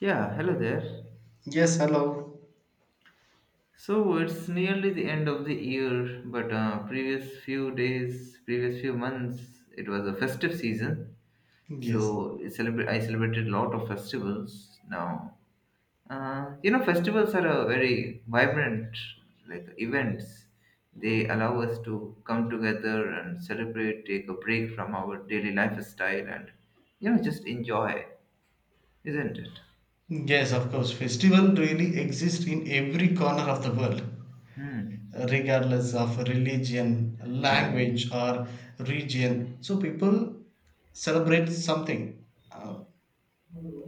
Yeah, hello there. Yes, hello. So it's nearly the end of the year, but previous few days, previous few months, it was a festive season. Yes, So I celebrated a lot of festivals. Now, festivals are a very vibrant like events. They allow us to come together and celebrate, take a break from our daily lifestyle, and just enjoy, isn't it? yes, of course. Festival really exist in every corner of the world, Hmm. regardless of religion, Yeah. language, or region. So people celebrate something, uh,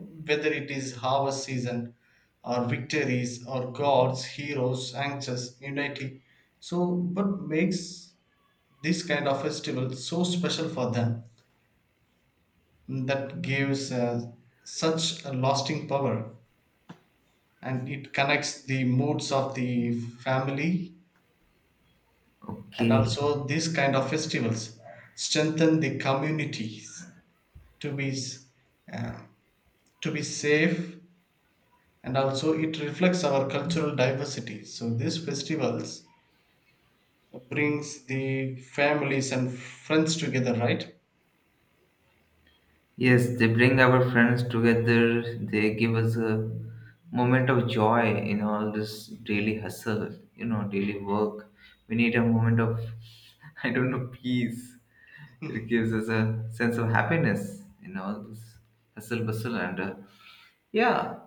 whether it is harvest season, or victories, or gods, heroes, anxious unity. So, what makes this kind of festival so special for them that gives such a lasting power? And it connects the moods of the family, and Okay. also these kind of festivals strengthen the communities to be s- uh, to be safe, and also it reflects our cultural diversity. So these festivals brings the families and friends together, right? Yes, they bring our friends together. They give us a moment of joy in all this daily hustle, daily work. We need a moment of, I don't know, peace. It Mhm. gives us a sense of happiness in all this hustle bustle. And yeah,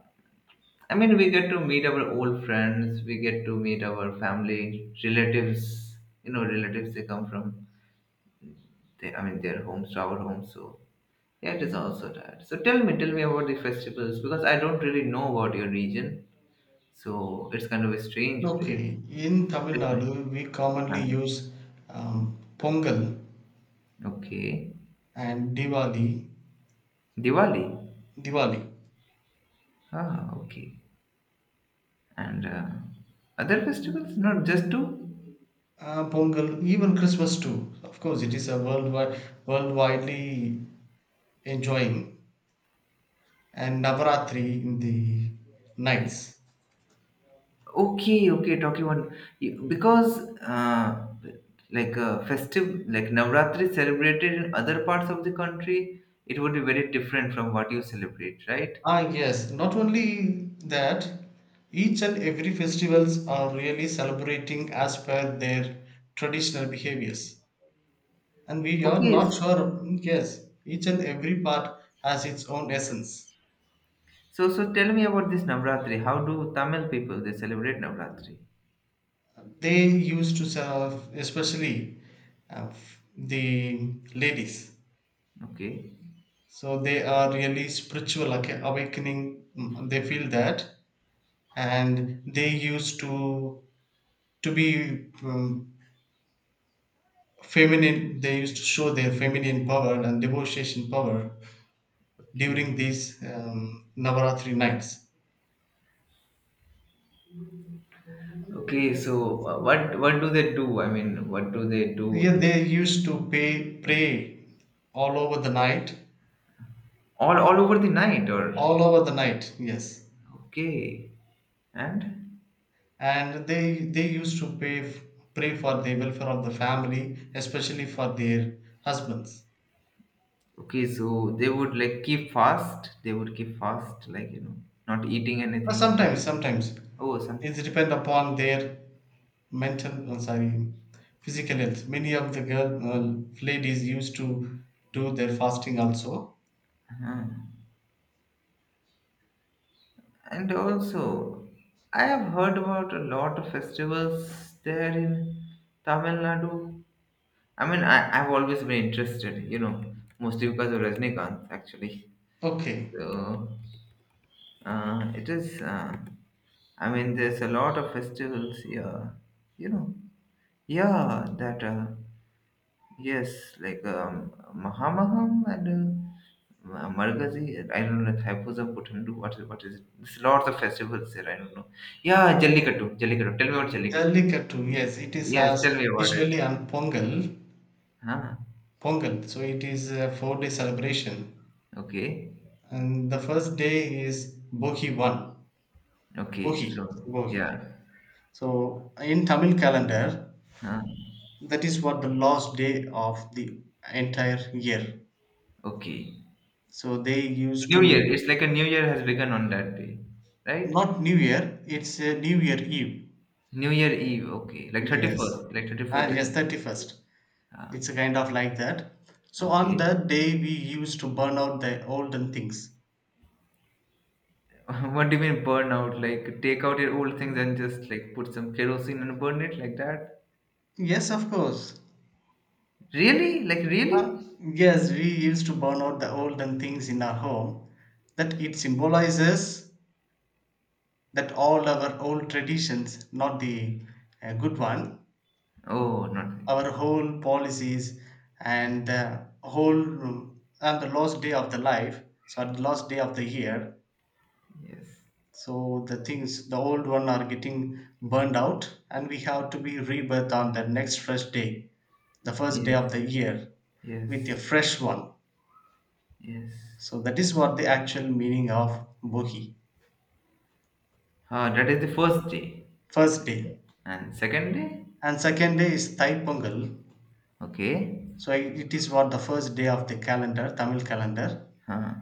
I mean, we get to meet our old friends, we get to meet our family, relatives, relatives they come from, they, I mean, their homes to our homes. So yeah, it is also that. So tell me about the festivals because I don't really know about your region. So it's kind of a strange Okay, place. in So Tamil tell me. Nadu we Ah, commonly use um, Pongal okay. and diwali Diwali. diwali Ah, okay. And other festivals? Not just two? Pongal, even Christmas too. Of course, it is a worldwide, worldwidely enjoying, and Navaratri in the Yeah. nights. Okay, okay, talking about because like a festive like Navratri celebrated in other parts of the country, it would be very different from what you celebrate, right? Ah, yes. Not only that, each and every festivals are really celebrating as per their traditional behaviors, and we are not Okay. sure. Yes, each and every part has its own essence. So tell me about this Navratri. How do Tamil people they celebrate Navratri? They used to serve, especially the ladies. Okay, So they are really spiritual awakening. They feel that, and they used to be feminine. They used to show their feminine power and devotion power okay, during these Navaratri nights. okay. So, what do they do? I mean, what do they do Yeah, to they used to pay pray all over the night, all over the night or all over the night. Yes, okay, and and they used to pay pray for the welfare of the family, especially for their husbands. okay. So they would like keep fast. They would keep fast, like not eating anything for Sometimes, the sometimes oh sometime. it depends upon their mental, sorry, physical health. Many of the girl ladies used to do their fasting also. Uh-huh. And also, I have heard about a lot of festivals there in Tamil Nadu. I mean, I've always been interested, mostly because of Rajnikanth, actually. Okay. So it is, I mean, there's a lot of festivals here, you know. Yeah, that, yes, like Mahamaham and Margazi, I don't know, Thaipusam, Puthandu, what is it? There's lots of festivals there, I don't know. Yeah, Jallikattu, Jallikattu. Tell me about Jallikattu. Jallikattu, yes, it is Yes, has tell me about usually it. on Pongal, Huh? Pongal. So it is a 4-day celebration, Okay, and the first day is Bogi one. okay, Bogi, so, Bogi. yeah. So in Tamil calendar, Huh? that is what the last day of the entire year. Okay. So they used New Year. to. It's like a new year has begun on that day, right? Not New Year, it's a New Year Eve. New Year Eve. Okay, like thirty Yes. first, like 31st Ah, yes, December. 31st. Ah, It's a kind of like that. So on okay. that day, we used to burn out the olden things. What do you mean burn out? Like take out your old things and just like put some kerosene and burn it like that? Yes, of course. Really? Like really? Yes, we used to burn out the olden things in our home. That it symbolizes that all our old traditions, not the good one, Oh, nothing. our whole policies and the whole and the last day of the life. So at the last day of the year, Yes. so the things, the old one, are getting burned out, and we have to be rebirth on the next fresh day, the first day Yes. of the year Yes. with a fresh one. Yes. So that is what the actual meaning of Bohi. Ah, that is the first day. First day. And second day? And second day is Thai Pongal. Okay. So it is what the first day of the calendar, Tamil calendar. Huh.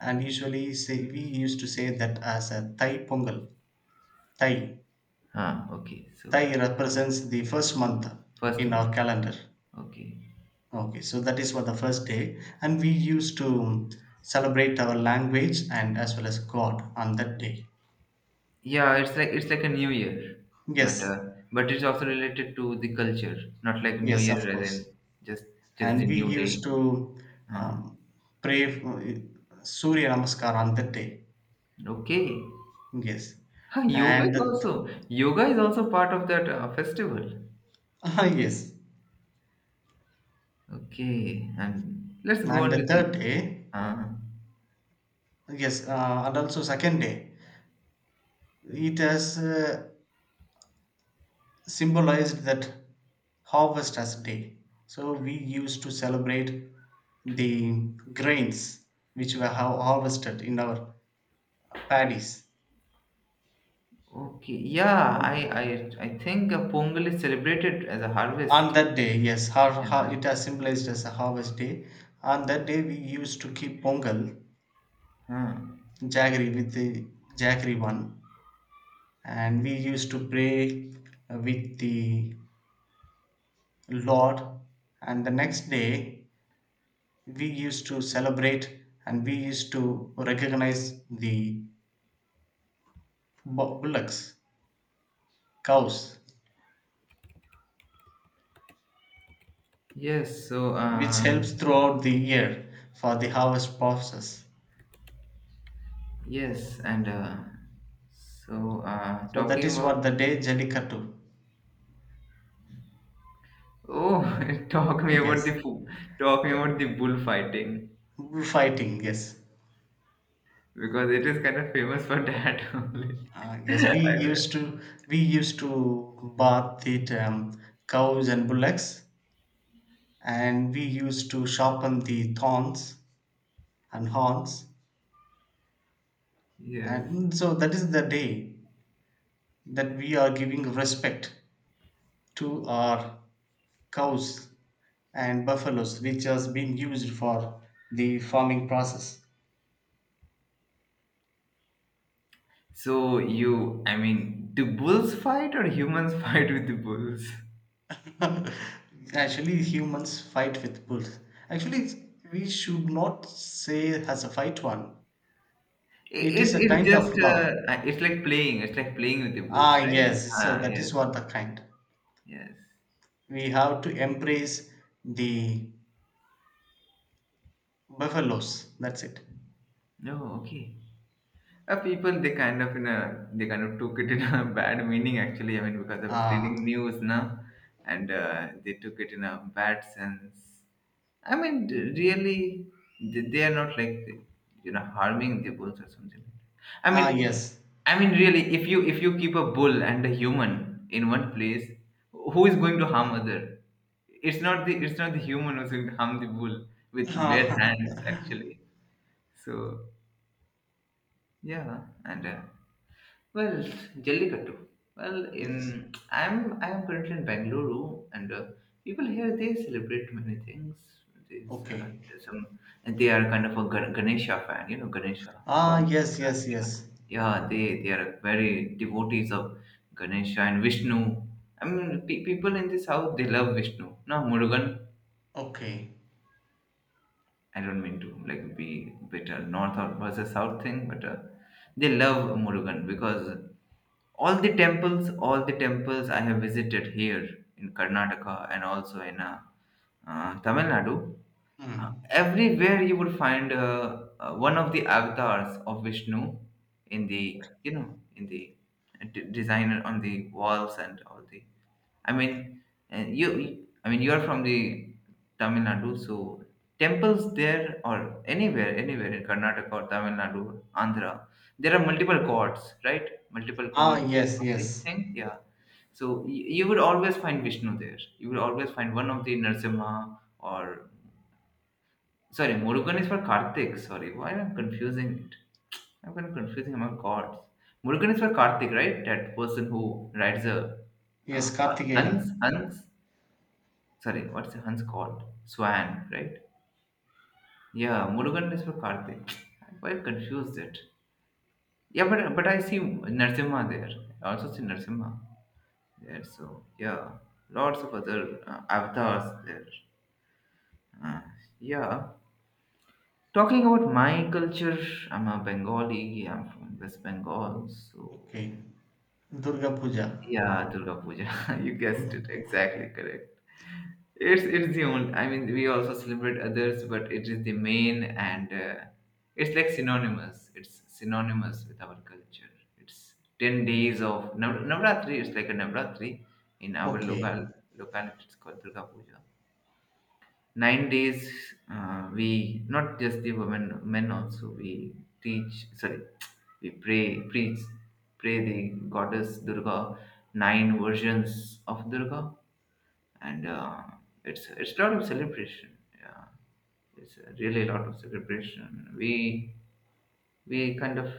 And usually, say we used to say that as a Thai Pongal. Thai Huh. Okay. So Thai represents the first month first in one. our calendar. Okay. Okay, so that is what the first day, and we used to celebrate our language and as well as God on that day. Yeah, it's like a new year, but Yes, uh, but it's also related to the culture, not like New yes, Year of as course, in just just the and we new day. used to Uh, um, pray for, Surya Namaskar on that day. okay, Yes, huh, yoga and is also yoga is also part of that festival. Yes, Okay, and let's go and on to the third the. day, Uh, yes, and also second day. It has symbolized that harvest as day. So we used to celebrate the grains which were harvested in our paddies. okay, yeah, I think Pongal is celebrated as a On harvest. that day, yes, Yeah. it has symbolized as a harvest day. On that day, we used to keep pongal, Huh. jaggery with the jaggery one, and we used to pray with the Lord. And the next day, we used to celebrate and we used to recognize the bullocks, cows, Yes. So. which Uh, helps throughout the year for the harvest process. yes, and so So talking that is about. what the day Jallikattu. Oh, talk me about the Yes, fu- talk me about the bullfighting fighting. Yes, because it is kind of famous for that only. Yes. We used to bath the cows and bullocks, and we used to sharpen the thorns and horns, Yes. and so that is the day that we are giving respect to are cows and buffaloes which has been used for the farming process. So you, I mean, do bulls fight or humans fight with the bulls? Actually humans fight with bulls, actually, we should not say as a fight one. It It's is a it's kind just of love. It's like playing. It's like playing with the bulls, Ah, right? yes, so Ah, that yes, is what the kind. yes. We have to embrace the buffaloes, that's it. No, okay. People they kind of took it in a bad meaning actually. I mean because I was ah reading news now, and they took it in a bad sense. I mean really they are not like harming the bulls or something like that. I ah mean yes. I mean really if you keep a bull and a human in one place, who is going to harm other? It's not the human who's going to harm the bull with bare hands actually. So yeah, and. Well, Jallikattu. Well, Yes. in I'm I'm currently in Bangalore, and people here they celebrate many things. There's, uh, Okay. there's some, and they are kind of a Ganesha fan, Ganesha Ah, god. yes, yes, Yeah, yes. yeah. Yeah, they are very devotees of Ganesha and Vishnu. I mean, people in the south they love Vishnu. No, Murugan. Okay. I don't mean to like be bitter north or versus south thing, but they love Murugan because all the temples I have visited here in Karnataka and also in Tamil Nadu, Hmm. everywhere you would find one of the avatars of Vishnu in the, in the design on the walls and all the. I mean, you, I mean, you are from the Tamil Nadu, so temples there or anywhere in Karnataka or Tamil Nadu, Andhra, there are multiple gods, right? Multiple Ah, gods yes, of this yes. thing, yeah. So you would always find Vishnu there. You would always find one of the Narasimha, or. Sorry, Murugan is for Karthik. Sorry, why am I confusing it? I'm kind of confusing among gods. Murugan is for Karthik, right? That person who rides a Yes, uh, Hans. Kartikeyan. Hans. Sorry, what's the Hans called? Swan, right? Yeah, Murugan is for Karthik. I'm quite confused it. Yeah, but I see Narsimha there. I also see Narsimha there. So yeah, lots of other avatars there. Uh, yeah. Talking about my culture, I'm a Bengali. I'm from West Bengal, so Okay. Durga Puja. yeah, Durga Puja. You guessed it Mhm. exactly correct. It's the only. I mean, we also celebrate others, but it is the main, and it's like synonymous. It's synonymous with our culture. It's 10 days of Navratri. It's like a Navratri in our Okay, locality. It's called Durga Puja. 9 days, we not just the women, men also we teach. Sorry, we pray, preach, pray the goddess Durga. Nine versions of Durga, and it's a lot of celebration. Yeah, it's a really a lot of celebration. We kind of,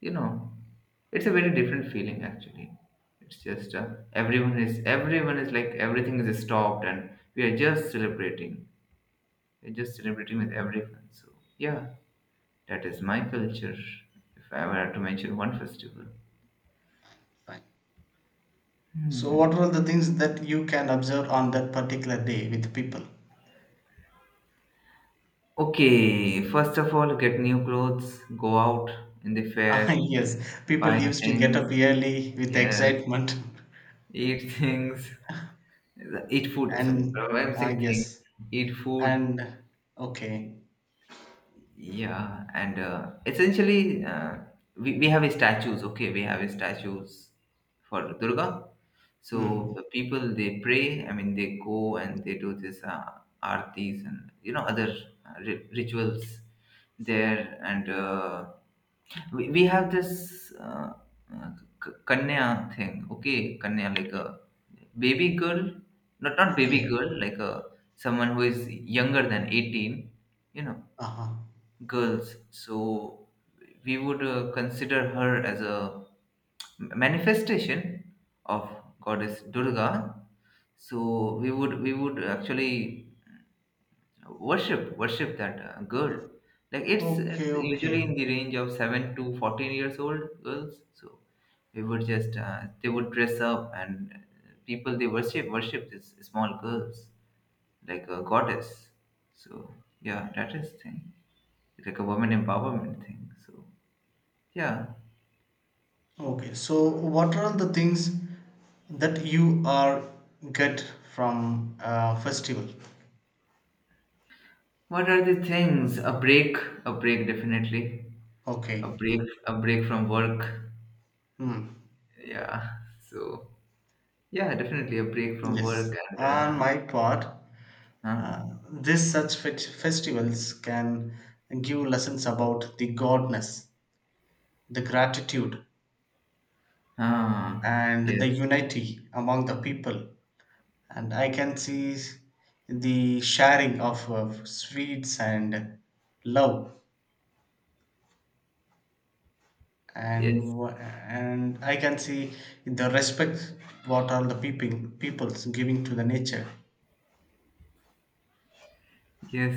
you know it's a very different feeling actually. It's just everyone is like everything is stopped, and we are just celebrating. You're just celebrating with everyone. So, yeah, that is my culture. If I were to mention one festival. fine. So, what were the things that you can observe on that particular day with people? Okay, first of all, get new clothes, go out in the fair, Ah, yes. People buy used to get up things, early with yes, excitement. eat things, eat food. Sorry, And, I'm ah, saying things, yes. eat food. And, okay. Yeah, and essentially, we have statues, okay, we have statues for Durga. Hmm. So the people they pray, I mean, they go and they do this artis and, other rituals there. And we have this uh, Kanya thing, okay, Kanya, like a baby girl, not baby Okay. girl, like a someone who is younger than 18, you know Uh-huh. girls. So we would consider her as a manifestation of goddess Durga. So we would actually worship that girl. Like it's Okay, it's usually in okay. the range of 7 to 14 years old girls. So we would just, they would dress up, and people they worship these small girls like a goddess. So yeah, that is thing. Like a woman empowerment thing. So yeah. Okay, so what are the things that you are get from a festival? What are the things? A break. A break definitely. A Okay. break a break from work. Hmm. Yeah. So yeah, definitely a break from Yes. work and On my part, huh? uh, this such festivals can give lessons about the godness, the gratitude, Ah, and the yes. unity among the people. And I can see the sharing of sweets and love Yes. and and I can see the respect what all the people peoples giving to the nature. Yes,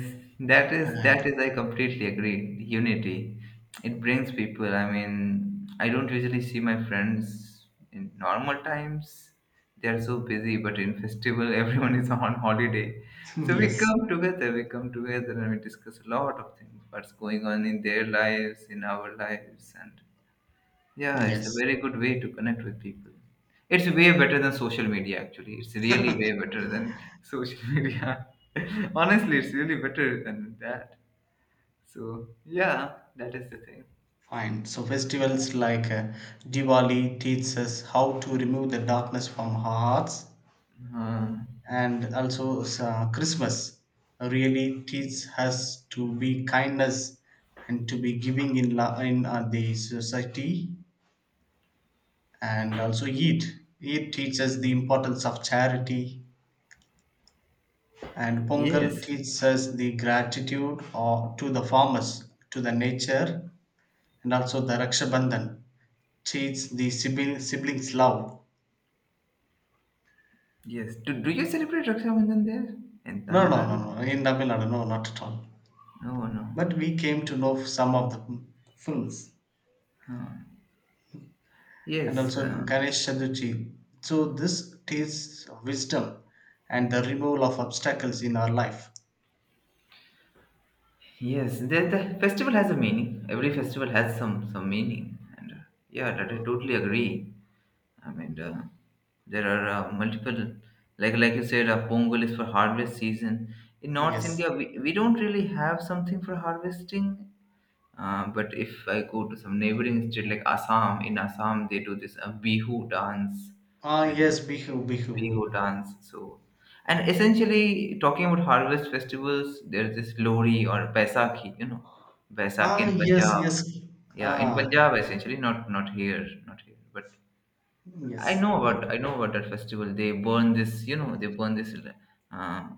that is Uh, I completely agree. Unity, it brings people. I mean, I don't usually see my friends in normal times. They are so busy, but in festival, everyone is on holiday. So we yes, come together. We come together and we discuss a lot of things. What's going on in their lives, in our lives, and yeah, it's a yes, very good way to connect with people. It's way better than social media, actually. It's really way better than social media. Honestly, it's really better than that. So, yeah, that is the thing. fine. So festivals like Diwali teaches us how to remove the darkness from our hearts, Uh, and also Christmas really teaches us to be kindness and to be giving in in the society, and also Eid. Eid teaches the importance of charity. And Pongal yes, teaches us the gratitude or to the farmers, to the nature, and also the Rakshabandhan teaches the siblings love. yes. Do you celebrate Raksha Bandhan there in No, Tamil no, no, Nadu? no, in Tamil Nadu, no, not at all. No, no. But we came to know some of the films. And Yes, also Ganesh Chaturthi. So this teaches wisdom and the removal of obstacles in our life. yes. The festival has a meaning. Every festival has some meaning, and yeah, that I totally agree. I mean, there are multiple, like you said, Pongal is for harvest season. In North Yes. India, we don't really have something for harvesting. But if I go to some neighboring state like Assam, in Assam they do this Bihu dance, Ah, and yes, yeah, Bihu, Bihu. Bihu dance. So, and essentially talking about harvest festivals, there's this Lori or Baisakhi, Baisakhi Ah, in yes, Punjab. yes. Yeah, in Ah, Punjab essentially, not here, but I yes. know about I know about that festival. They burn this, you know, they burn this uh,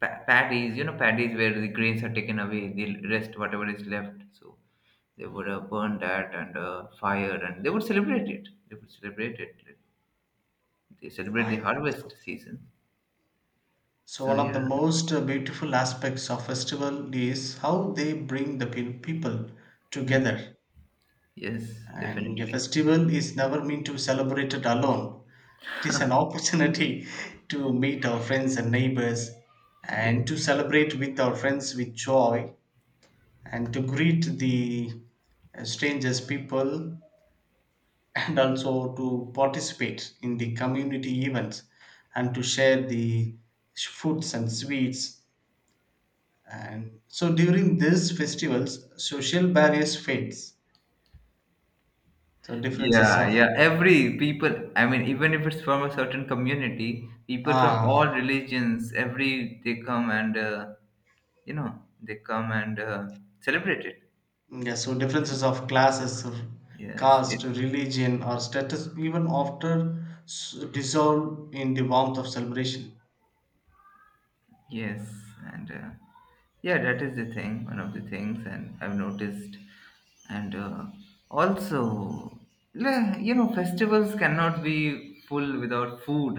paddies, you know, paddies where the grains are taken away, the rest whatever is left. So they would burn that and fire, and they would celebrate it. They would celebrate it. They celebrate the Fine. harvest season. So So one of yeah. the most beautiful aspects of festival is how they bring the people Mm. together. Yes, And a definitely, festival is never meant to celebrate it alone. It is an opportunity to meet our friends and neighbors, and yes. to celebrate with our friends with joy, and to greet the strangers people, and also to participate in the community events, and to share the foods and sweets. And so during these festivals, social barriers fades. So differences Yeah, of. yeah. Every people, I mean, even if it's from a certain community, people from Ah, all religions, every they come and uh, you know they come and celebrate it. yeah, so differences of classes, of Yes caste, it's, religion, or status even after dissolve in the warmth of celebration. yes, and yeah, that is the thing, one of the things, and I've noticed, and also, you know, festivals cannot be full without food,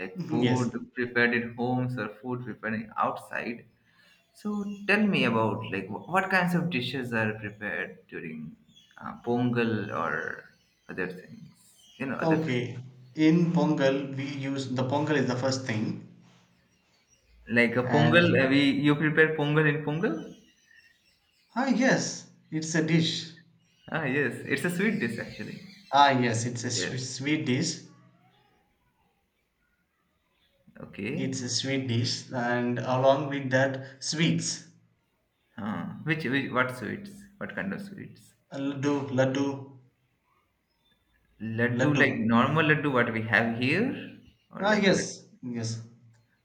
like Mhm. food Yes. prepared in homes or food prepared outside. So tell me about, like, what kinds of dishes are prepared during pongal or other things, you know, other Okay. festivals. In Pongal, we use the Pongal is the first thing, Like a pongal, and we you prepare pongal in pongal? ah yes, it's a dish. Ah, yes, it's a sweet dish actually. Ah yes, it's a Yes. sweet dish. Okay. It's a sweet dish, and along with that, sweets. Huh. Which what sweets? What kind of sweets? Laddu, laddu, Laddu, like laddu. normal laddu, what we have here, or Ah, like yes, yes.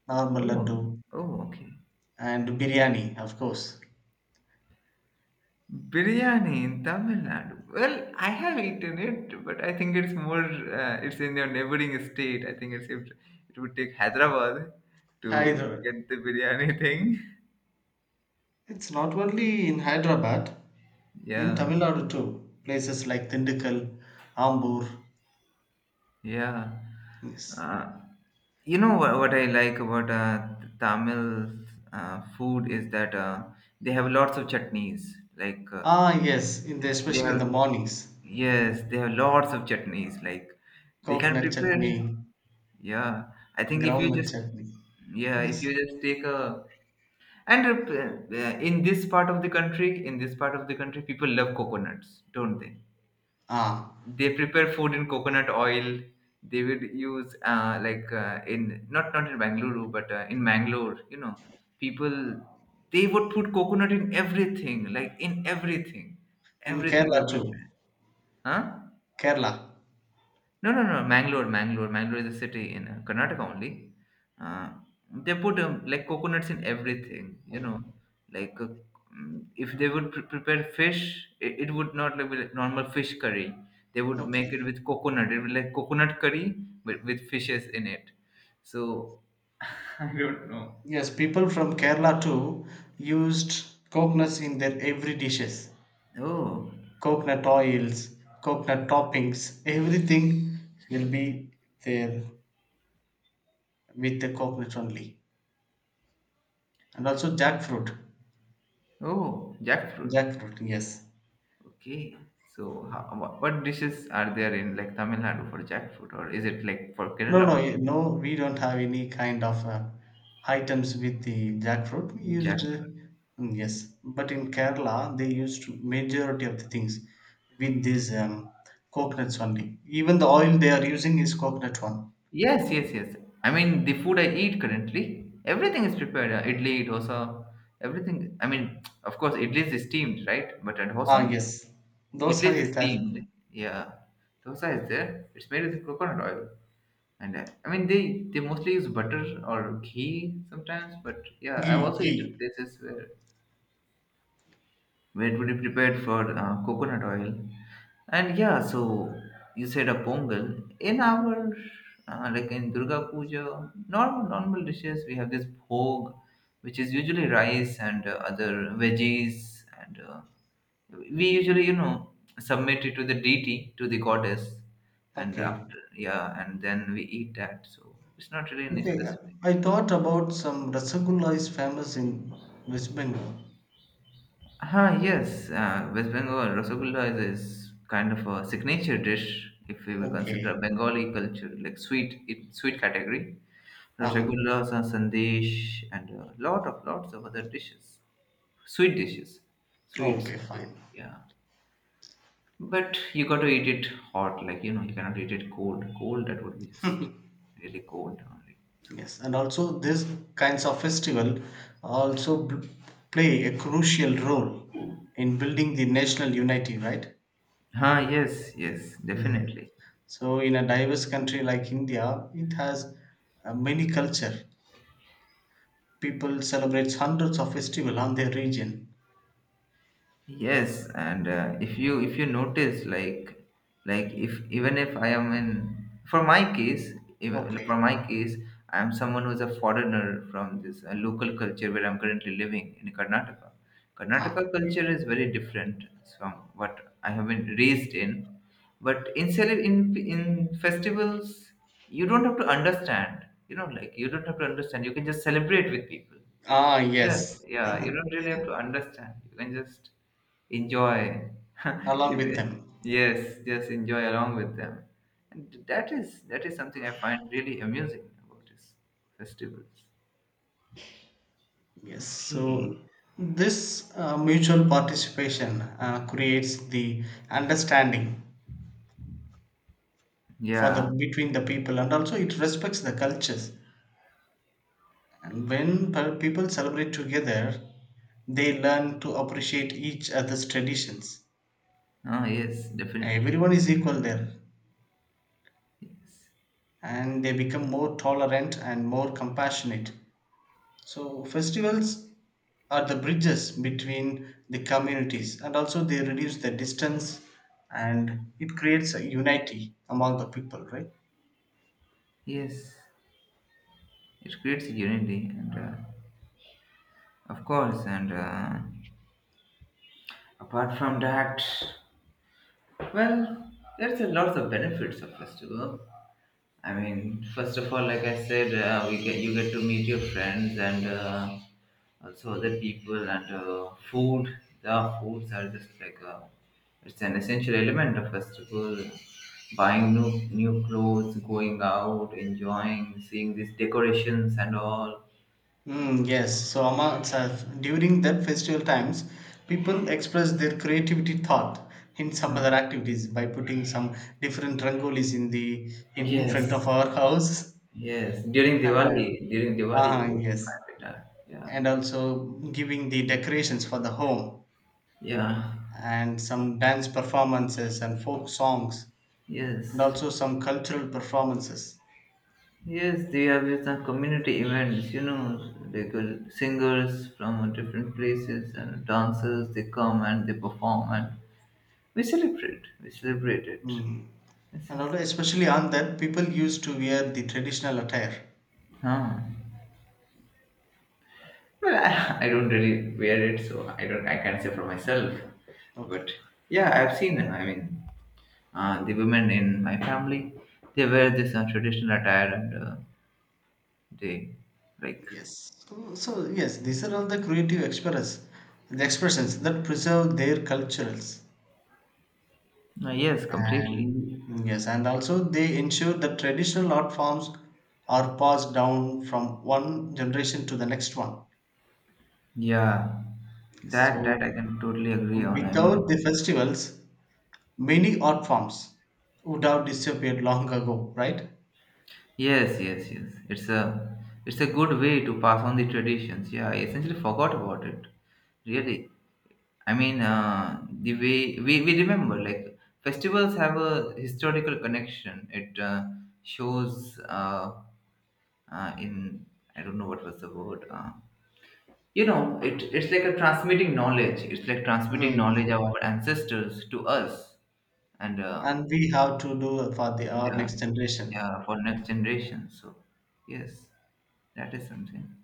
Normal laddu oh, oh, okay. and biryani, of course. Biryani in Tamil Nadu. Well, I have eaten it, but I think it's more. It's in your neighboring state. I think it would take Hyderabad to Hyderabad. get the biryani thing. It's not only in Hyderabad, in Yeah. Tamil Nadu too. Places like Tindikkal, Ambur. Yeah. Yes. Uh, you know, what I like about Tamil food is that they have lots of chutneys. Like Ah, yes, in the, yes, they especially in have, the mornings. yes, they have lots of chutneys. Like they can Coconut prepare. chutney, Yeah, I think if you groundnut just, chutney. yeah, if Yes. you just take a, and in this part of the country, people love coconuts, don't they? Ah, They prepare food in coconut oil. They would use in not not in Bangalore but in Mangalore. You know, people, they would put coconut in everything, like in everything, in everything we Kerala too. prepare. Huh? Kerala. No, no, no. Mangalore, Mangalore, Mangalore is a city in Karnataka only. Uh, they put like coconuts in everything, you know. Like if they would prepare fish, it would not, like, be like normal fish curry. They would make Okay. it with coconut. It would, like, coconut curry with fishes in it. So I don't know. Yes, people from Kerala too used coconuts in their every dishes. Oh, Coconut oils, coconut toppings, everything will be there with the coconut only. And also jackfruit. oh, jackfruit. Jackfruit, yes. Okay. So how, what dishes are there in like Tamil Nadu for jackfruit, or is it like for No, Kerala no, only? No. We don't have any kind of items with the jackfruit. We used, Jack. Yes, but in Kerala they used majority of the things with these coconuts only. Even the oil they are using is coconut one. Yes, yes, yes. I mean, the food I eat currently, everything is prepared. Idli, dosa, everything. I mean, of course, idli is steamed, right? But at Ah, dosa, yes, dosa idli is is that steamed. Yeah, dosa is there. It's made with coconut oil, and I mean, they mostly use butter or ghee sometimes. But yeah, I've ghee, also ghee. eaten places where it would be prepared for coconut oil. And yeah, so you said a pongal. In our, like in Durga Puja, normal dishes, we have this bhog, which is usually rice and other veggies. And we usually, you know, submit it to the deity, to the goddess. And Okay, after, yeah, and then we eat that. So it's not really any okay. specific. I thought about some rasagulla is famous in West Bengal. Ah, yes, West Bengal Rasgulla is kind of a signature dish if we will Okay. consider Bengali culture, like sweet, it sweet category. Ah. Rasagullas and sandesh and a lot of lots of other dishes, sweet dishes, sweets. Okay, fine. So yeah, but you got to eat it hot, like, you know, you cannot eat it cold. Cold, that would be just really cold only. So, Yes, and also these kinds of festival also play a crucial role in building the national unity, right? ah, yes, yes, Mm. definitely. So in a diverse country like India, it has many culture. People celebrate hundreds of festival on their region. Yes, and if you, if you notice, like if even if I am in for my case, if, for Okay. my case, I am someone who is a foreigner from this local culture where I'm currently living in Karnataka. Ah, Karnataka culture is very different from what I have been raised in, but in in festivals, you don't have to understand. You know, like, you don't have to understand. You can just celebrate with people. ah Yes, yes, yeah, you don't really have to understand. You can just enjoy. along You with can-, them. yes, just enjoy along with them. And that is something I find really amusing about these festivals. Yes, Okay. so this mutual participation creates the understanding for the Yeah. between the people, and also it respects the cultures. And when people celebrate together, they learn to appreciate each other's traditions. Oh, yes, definitely. Everyone is equal there, Yes. and they become more tolerant and more compassionate. So festivals are the bridges between the communities, and also they reduce the distance, and it creates a unity among the people, right? Yes. It creates unity and of course, and apart from that, well, there's a lot of benefits of festival. I mean, first of all, like I said, we get you get to meet your friends and also other people, and food. The foods are just like it's an essential element of festival. Buying new clothes, going out, enjoying, seeing these decorations and all. And Mm, yes, so Amma itself, during that festival times, people express their creativity thought in some other activities by putting some different rangolis in the in front yes, of our house. yes, during Diwali, Ah, you yes, find it out. Yeah, and also giving the decorations for the home yeah, and some dance performances and folk songs yes. and also some cultural performances. Yes, they have with some community events, you know, they go singers from different places and dancers, they come and they perform, and we celebrate it. Mm. This is, And also, especially on that, people used to wear the traditional attire. huh. Well, I, I don't really wear it, so I don't, I can't say for myself, but Okay. yeah, I've seen them. I mean, the women in my family, they wear this traditional attire, and they, like, Yes. So, yes, these are all the creative express the expressions that preserve their cultures. Yes, completely. And yes, and also they ensure that traditional art forms are passed down from one generation to the next one. Yeah, that So I can totally agree on. I without mean, the festivals, many art forms would have disappeared long ago, right? yes, yes, yes. It's a, it's a good way to pass on the traditions. Yeah, I essentially forgot about it. Really, I mean, the way we remember, like, festivals have a historical connection. It shows in I don't know what was the word. You know, it's like a transmitting knowledge. It's like transmitting Mm. knowledge of our ancestors to us and. And we have to do for the our Yeah, next generation. yeah, for next generation. So yes, that is something.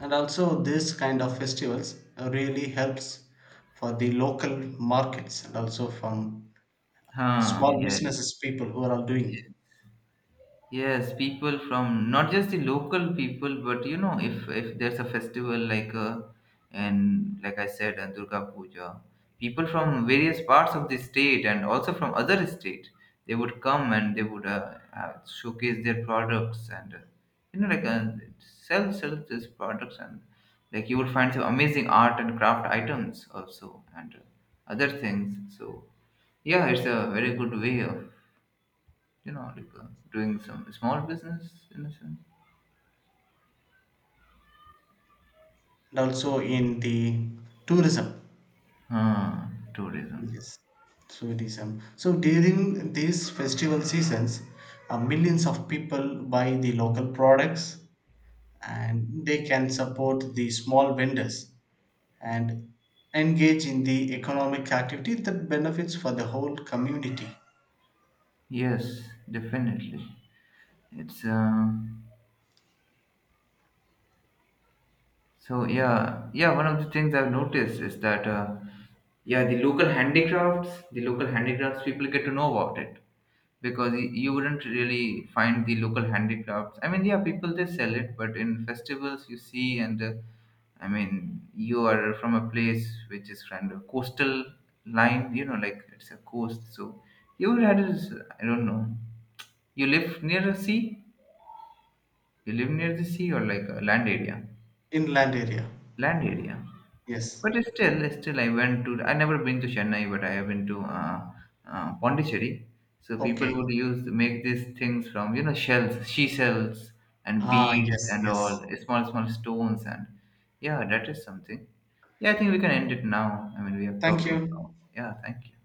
And also this kind of festivals really helps for the local markets, and also from Huh, small yes. businesses people who are all doing. Yes, people from not just the local people, but you know, if there's a festival like and like I said, Durga Puja, people from various parts of the state and also from other state, they would come and they would showcase their products and you know, like sell these products and like you would find some amazing art and craft items also and other things. So yeah, it's a very good way of, you know, like doing some small business in a sense. And also in the tourism, Ah, tourism. yes, tourism. So during these festival seasons, millions of people buy the local products, and they can support the small vendors, and engage in the economic activity that benefits for the whole community. Yes, definitely. It's so yeah, yeah. One of the things I've noticed is that yeah, the local handicrafts people get to know about it. Because you wouldn't really find the local handicrafts. I mean, yeah, people they sell it, but in festivals you see, and I mean, you are from a place which is kind of coastal line, you know, like it's a coast, so you would have this, I don't know, you live near a sea, you live near the sea or like a land area, In land area. land area. Yes. But still, still, I went to. I never been to Chennai, but I have been to Pondicherry. So people Okay. would use make these things from, you know, shells, shells, and Ah, beads yes, and all, yes. small stones and yeah, that is something. Yeah, I think we can end it now. I mean, we have Thank talked about you. now. Yeah, thank you.